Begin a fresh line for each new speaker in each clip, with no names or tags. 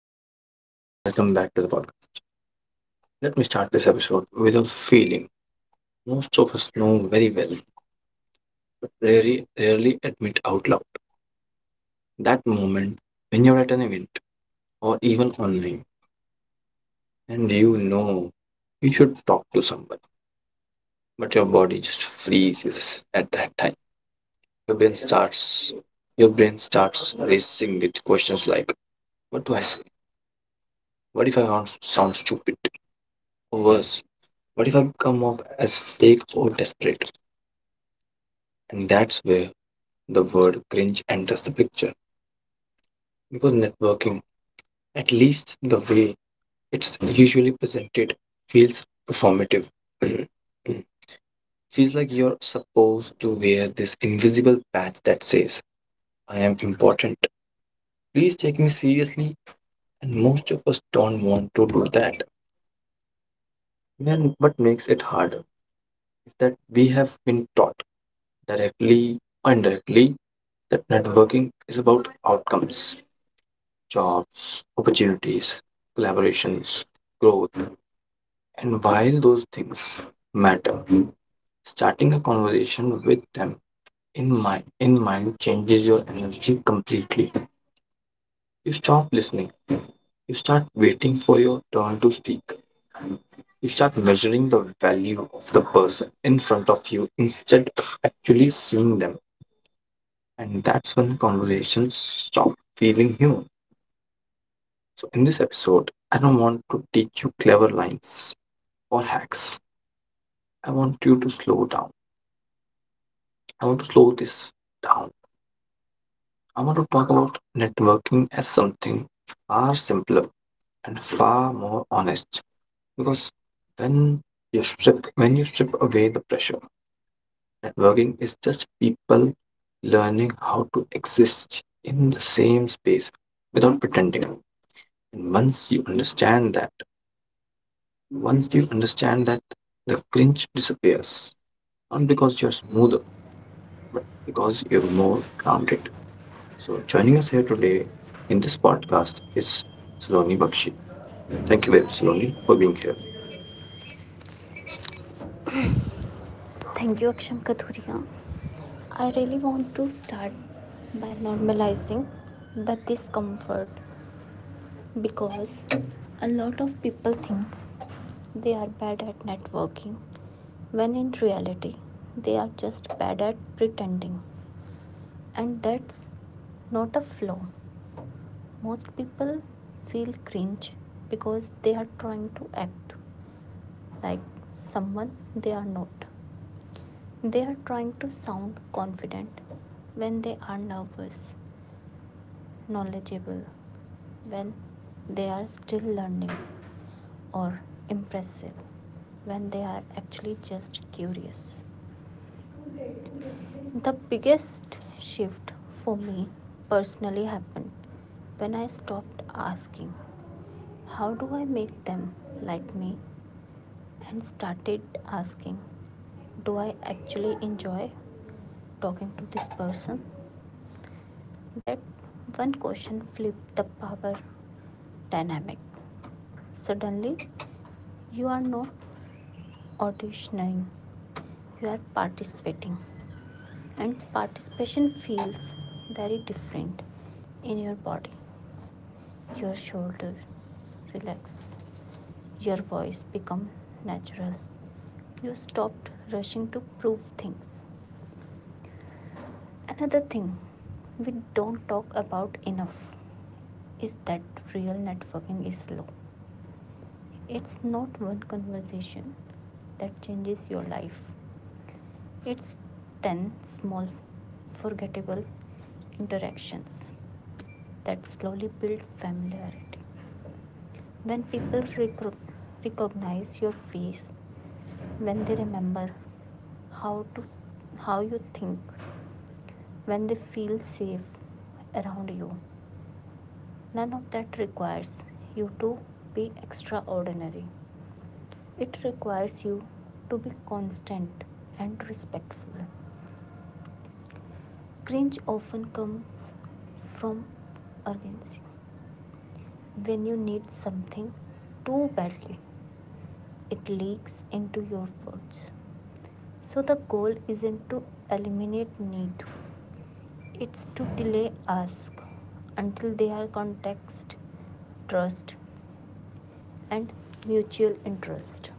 everyone, and welcome back to the podcast. Let me start this episode with a feeling most of us know very well, but rarely admit out loud. That moment when you're at an event or even online, and you know you should talk to someone, but your body just freezes at that time. Your brain starts, your brain starts racing with questions like, "What do I say? What if I sound stupid? Or worse, what if I come off as fake or desperate?" And that's where the word cringe enters the picture because networking, at least the way it's usually presented, feels performative. Feels like you're supposed to wear this invisible patch that says, I am important. Please take me seriously. And most of us don't want to do that. And what makes it harder is that we have been taught directly or indirectly that networking is about outcomes: jobs, opportunities, collaborations, growth. And while those things matter, starting a conversation with them in mind changes your energy completely. You stop listening. You start waiting for your turn to speak. You start measuring the value of the person in front of you instead of actually seeing them. And that's when conversations stop feeling human. So, in this episode, I don't want to teach you clever lines or hacks. I want you to slow down. I want to slow this down. I want to talk about networking as something far simpler and far more honest. Because when when you strip away the pressure, networking is just people learning how to exist in the same space without pretending. And once you understand that the cringe disappears, not because you're smoother, but because you're more grounded. So, joining us here
Today
today in
in
this
this podcast
podcast
is
is Saloni
slowly
Bakshi.
but.
Thank you, very much, Saloni, for being here.
Thank you, Aksham Kathuria. I really want to start by normalizing the discomfort, because a lot of people think they are bad at networking when in reality they are just bad at pretending, and that's not a flaw. Most people feel cringe because they are trying to act like someone they are not. They are trying to sound confident when they are nervous, knowledgeable when they are still learning, or impressive when they are actually just curious. The biggest shift for me personally happened when I stopped asking, how do I make them like me, and started asking, do I actually enjoy talking to this person? That one question flipped the power dynamic. Suddenly, you are not auditioning, you are participating, and participation feels very different in your body. Your shoulders relax, your voice become natural. You stopped rushing to prove things. Another thing we don't talk about enough is that real networking is slow. It's not one conversation that changes your life. It's 10 small, forgettable interactions that slowly build familiarity. When people recognize your face, when they remember how to how you think, when they feel safe around you, none of that requires you to be extraordinary. It requires you to be constant and respectful. Cringe often comes from urgency. When you need something too badly, it leaks into your words. So the goal isn't to eliminate need, it's to delay ask until they are context, trust, and mutual interest.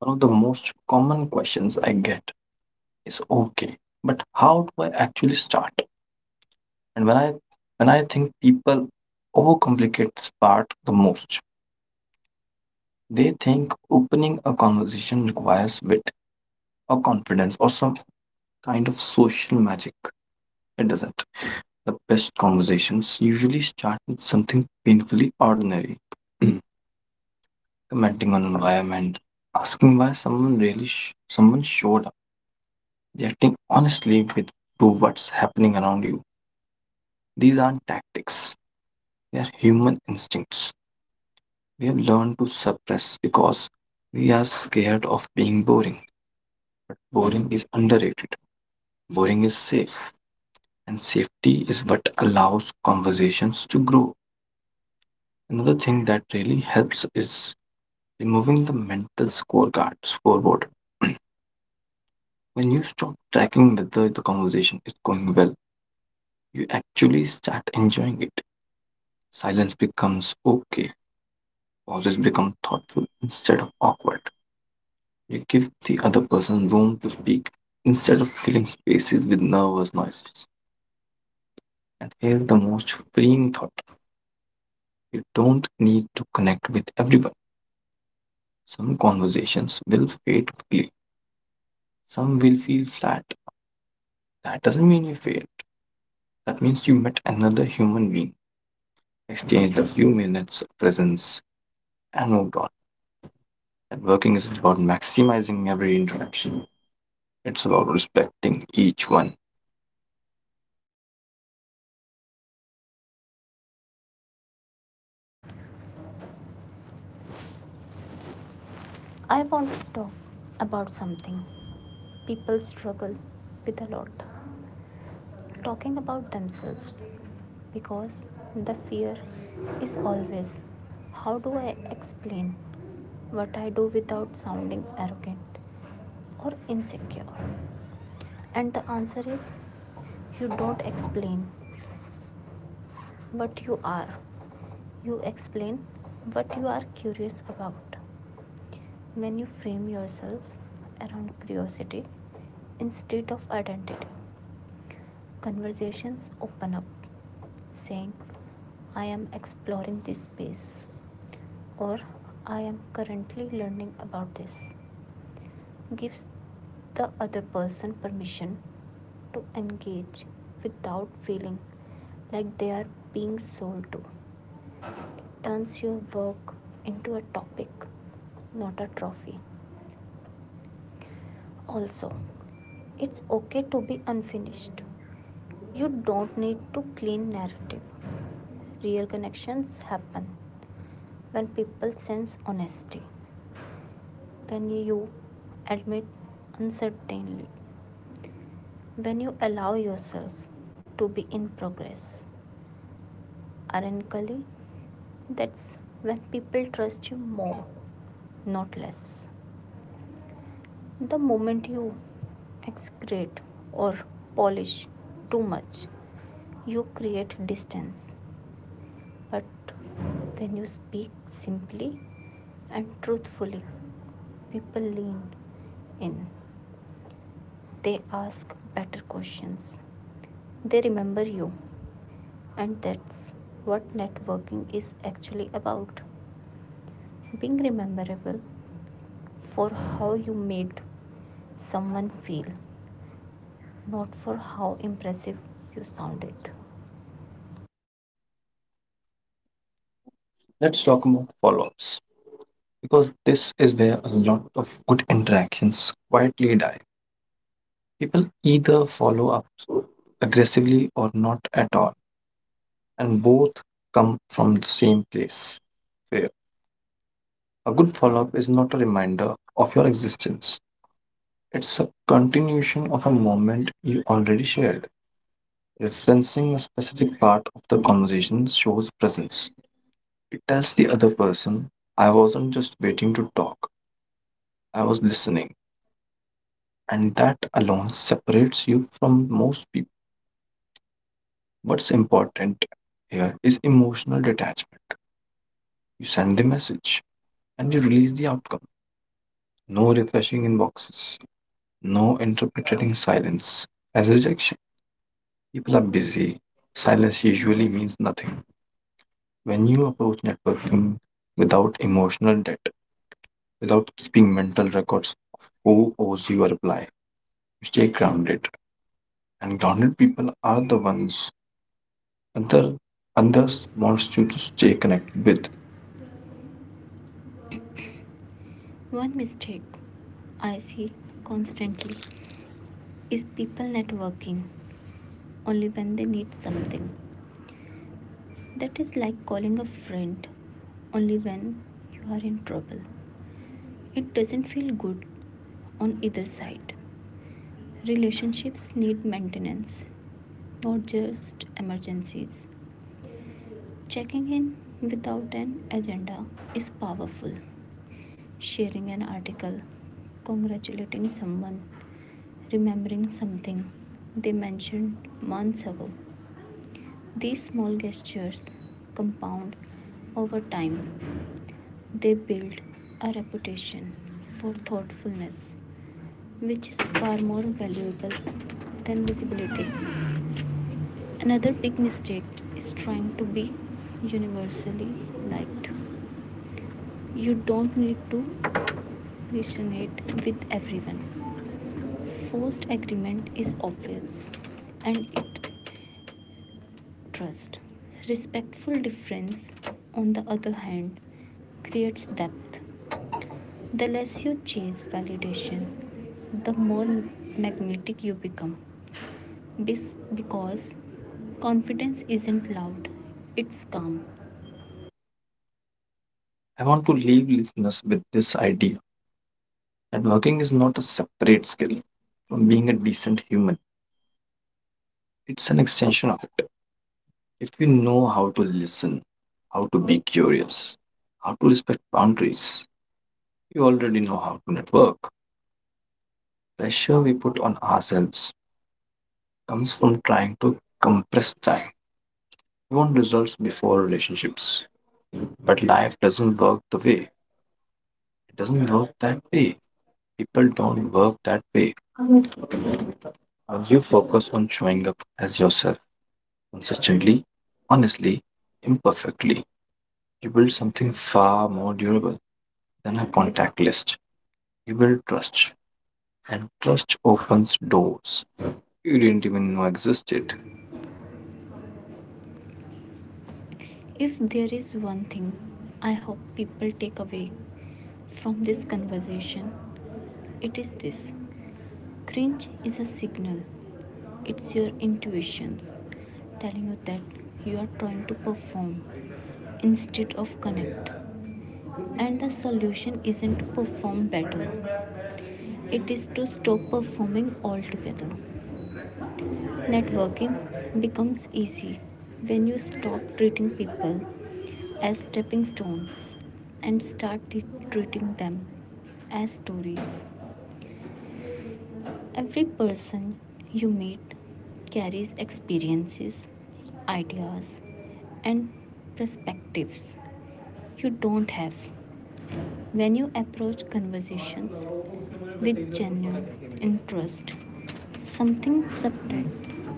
One of the most common questions I get is, okay, but how do I actually start? And when I think, people overcomplicate this part the most. They think opening a conversation requires wit or confidence or some kind of social magic. It doesn't. The best conversations usually start with something painfully ordinary. Commenting on environment, asking why someone showed up, reacting honestly with to what's happening around you. These aren't tactics; they are human instincts. We have learned to suppress because we are scared of being boring. But boring is underrated. Boring is safe, and safety is what allows conversations to grow. Another thing that really helps is removing the mental scorecard scoreboard. When you stop tracking whether the conversation is going well, you actually start enjoying it. Silence becomes okay, pauses become thoughtful instead of awkward. You give the other person room to speak instead of filling spaces with nervous noises. And here's the most freeing thought: you don't need to connect with everyone. Some conversations will fade quickly, some will feel flat. That doesn't mean you failed, that means you met another human being, exchanged a few minutes of presence, I moved on. Networking is about maximizing every interaction, it's about respecting each one.
I want to talk about something. People struggle with a lot talking about themselves because the fear is always, how do I explain what I do without sounding arrogant or insecure? And the answer is, you don't explain what you are, you explain what you are curious about. When you frame yourself around curiosity instead of identity, conversations open up. Saying, I am exploring this space, or I am currently learning about this, gives the other person permission to engage without feeling like they are being sold to. It turns your work into a topic, not a trophy. Also, it's okay to be unfinished. You don't need to clean narrative. Real connections happen when people sense honesty, when you admit uncertainty, when you allow yourself to be in progress. Ironically, that's when people trust you more, not less. The moment you excrete or polish too much, you create distance. But when you speak simply and truthfully, people lean in. They ask better questions. They remember you. And that's what networking is actually about. Being memorable for how you made someone feel, not for how impressive you sounded.
Let's talk about follow ups, because this is where a lot of good interactions quietly die. People either follow up so aggressively or not at all, and both come from the same place: fear. A good follow up is not a reminder of your existence, it's a continuation of a moment you already shared. Referencing a specific part of the conversation shows presence. It tells the other person, I wasn't just waiting to talk, I was listening. And that alone separates you from most people. What's important here is emotional detachment. You send the message and you release the outcome. No refreshing inboxes, no interpreting silence as rejection. People are busy. Silence usually means nothing. When you approach networking without emotional debt, without keeping mental records of who owes you a reply, you stay grounded. And grounded people are the ones other
Others
others
want
wants you
you
to
to
stay
stay
connected
connected
with.
with. One mistake I see constantly is people networking only when they need something. That is like calling a friend only when you are in trouble. It doesn't feel good on either side. Relationships need maintenance, not just emergencies. Checking in without an agenda is powerful. Sharing an article, congratulating someone, remembering something they mentioned months ago. These small gestures compound over time. They build a reputation for thoughtfulness, which is far more valuable than visibility. Another big mistake is trying to be universally liked. You don't need to resonate with everyone. Forced agreement is obvious, and it trust. Respectful difference, on the other hand, creates depth. The less you chase validation, the more magnetic you become. Because confidence isn't loud, it's calm.
I want to leave listeners with this idea that working is not a separate skill from being a decent human. It's an extension of it. If you know how to listen, how to be curious, how to respect boundaries, you already know how to network. Pressure we put on ourselves comes from trying to compress time. We want results before relationships. But life doesn't work the way It doesn't work that way. People don't work that way. Uh, You focus on showing up as yourself consistently, honestly, imperfectly. You build something far more durable than a contact list. You build trust, and trust opens doors you didn't even know existed.
If there is one thing I hope people take away from this conversation, it is this: cringe is a signal, it's your intuitions telling you that you are trying to perform instead of connect. And the solution isn't to perform better. It is to stop performing altogether. Networking becomes easy when you stop treating people as stepping stones and treating them as stories. Every person you meet carries experiences, ideas, and perspectives you don't have. When you approach conversations with genuine interest, something subtle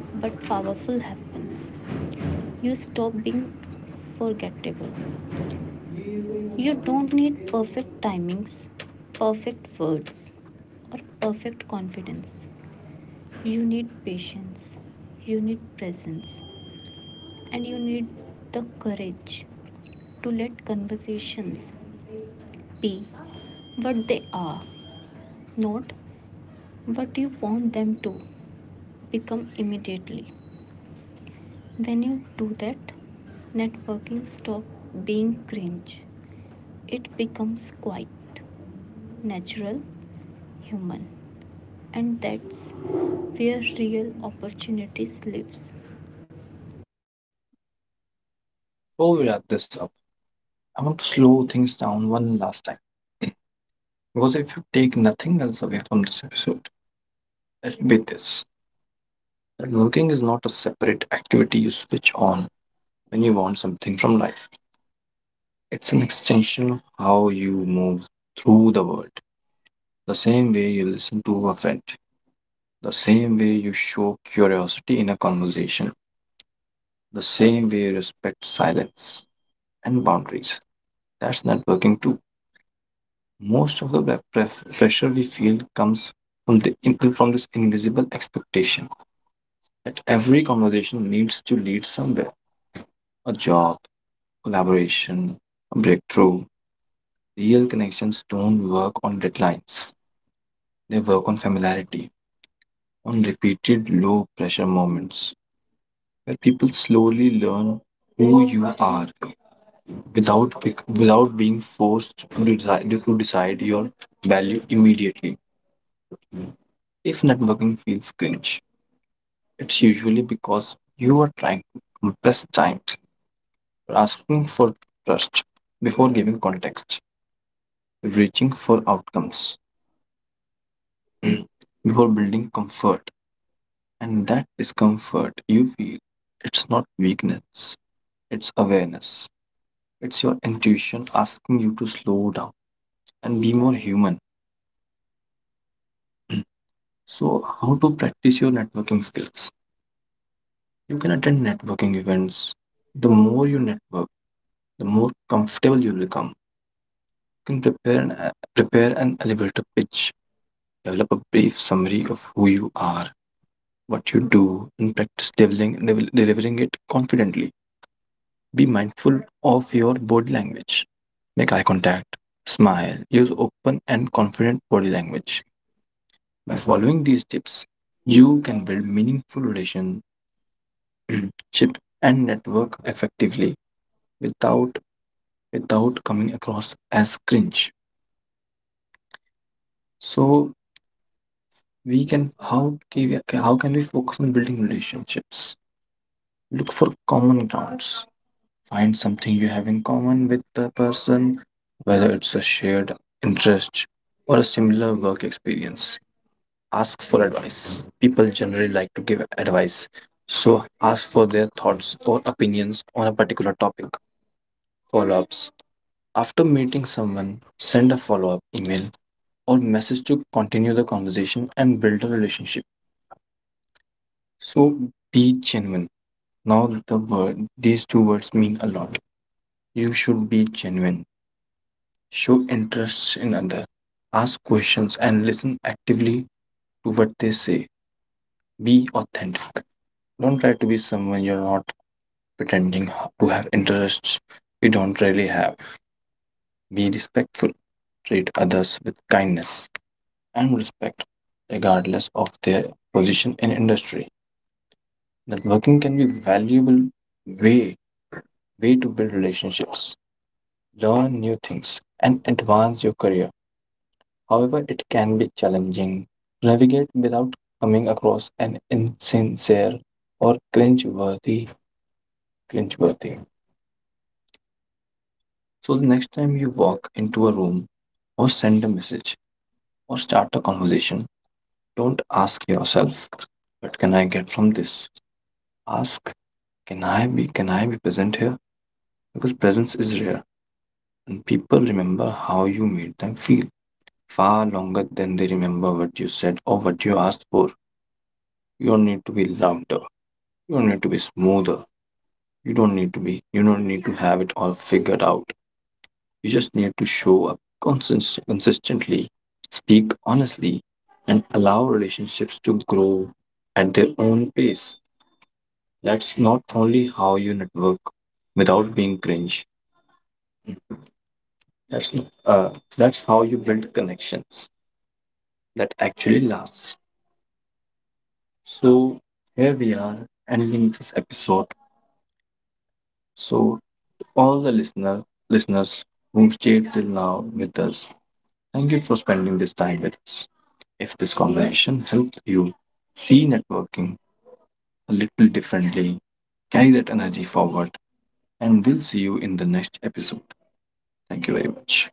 but powerful happens. You stop being forgettable. You don't need perfect timings, perfect words, or perfect confidence. You need patience, you need presence, and you need the courage to let conversations be what they are, not what you want them to become immediately. When you do that, networking stops being cringe. It becomes quite natural, human, and that's where real opportunities lives.
Before we wrap this up, I want to slow things down one last time. Because if you take nothing else away from this episode, that'll be this. That working is not a separate activity you switch on when you want something from life, it's an extension of how you move through the world. The same way you listen to a friend, the same way you show curiosity in a conversation, the same way you respect silence and boundaries. That's networking too. Most of the pressure we feel comes from this invisible expectation that every conversation needs to lead somewhere. A job, collaboration, a breakthrough. Real connections don't work on deadlines. They work on familiarity, on repeated low pressure moments where people slowly learn who you are without being forced to decide your value immediately. If networking feels cringe, it's usually because you are trying to compress time, asking for trust before giving context, reaching for outcomes before building comfort, and that discomfort you feel, it's not weakness. It's awareness. It's your intuition asking you to slow down and be more human. So, how to practice your networking skills? You can attend networking events. The more you network, the more comfortable you become. You can prepare an elevator pitch, develop a brief summary of who you are, what you do, and practice delivering it confidently. Be mindful of your body language. Make eye contact, smile, use open and confident body language. By following these tips, you can build meaningful relationship and network effectively without without coming across as cringe. So we can how how can we focus on building relationships? Look for common grounds. Find something you have in common with the person, whether it's a shared interest or a similar work experience. Ask for advice. People generally like to give advice, so ask for their thoughts or opinions on a particular topic. Follow ups: after meeting someone, send a follow up email or message to continue the conversation and build a relationship. So be genuine. Now, the word, these two words mean a lot. You should be genuine, show interest in other, ask questions, and listen actively to what they say. Be authentic, don't try to be someone you're not, pretending to have interests we don't really have. Be respectful, treat others with kindness and respect, regardless of their position in industry. Networking can be valuable way way to build relationships, learn new things, and advance your career. However, it can be challenging to navigate without coming across an insincere or cringe-worthy. So the next time you walk into a room or send a message or start a conversation, don't ask yourself, what can I get from this? Ask, can I be present here? Because presence is rare and people remember how you made them feel far longer than they remember what you said or what you asked for. You don't need to be louder. You don't need to be smoother. You don't need to have it all figured out. You just need to show up consistently, speak honestly, and allow relationships to grow at their own pace. That's not only how you network without being cringe. That's not, That's how you build connections that actually lasts. So here we are ending this episode. So to all the listeners who stayed till now with us, thank you for spending this time with us. If this conversation helped you see networking a little differently, carry that energy forward, and we'll see you in the next episode. Thank you very much.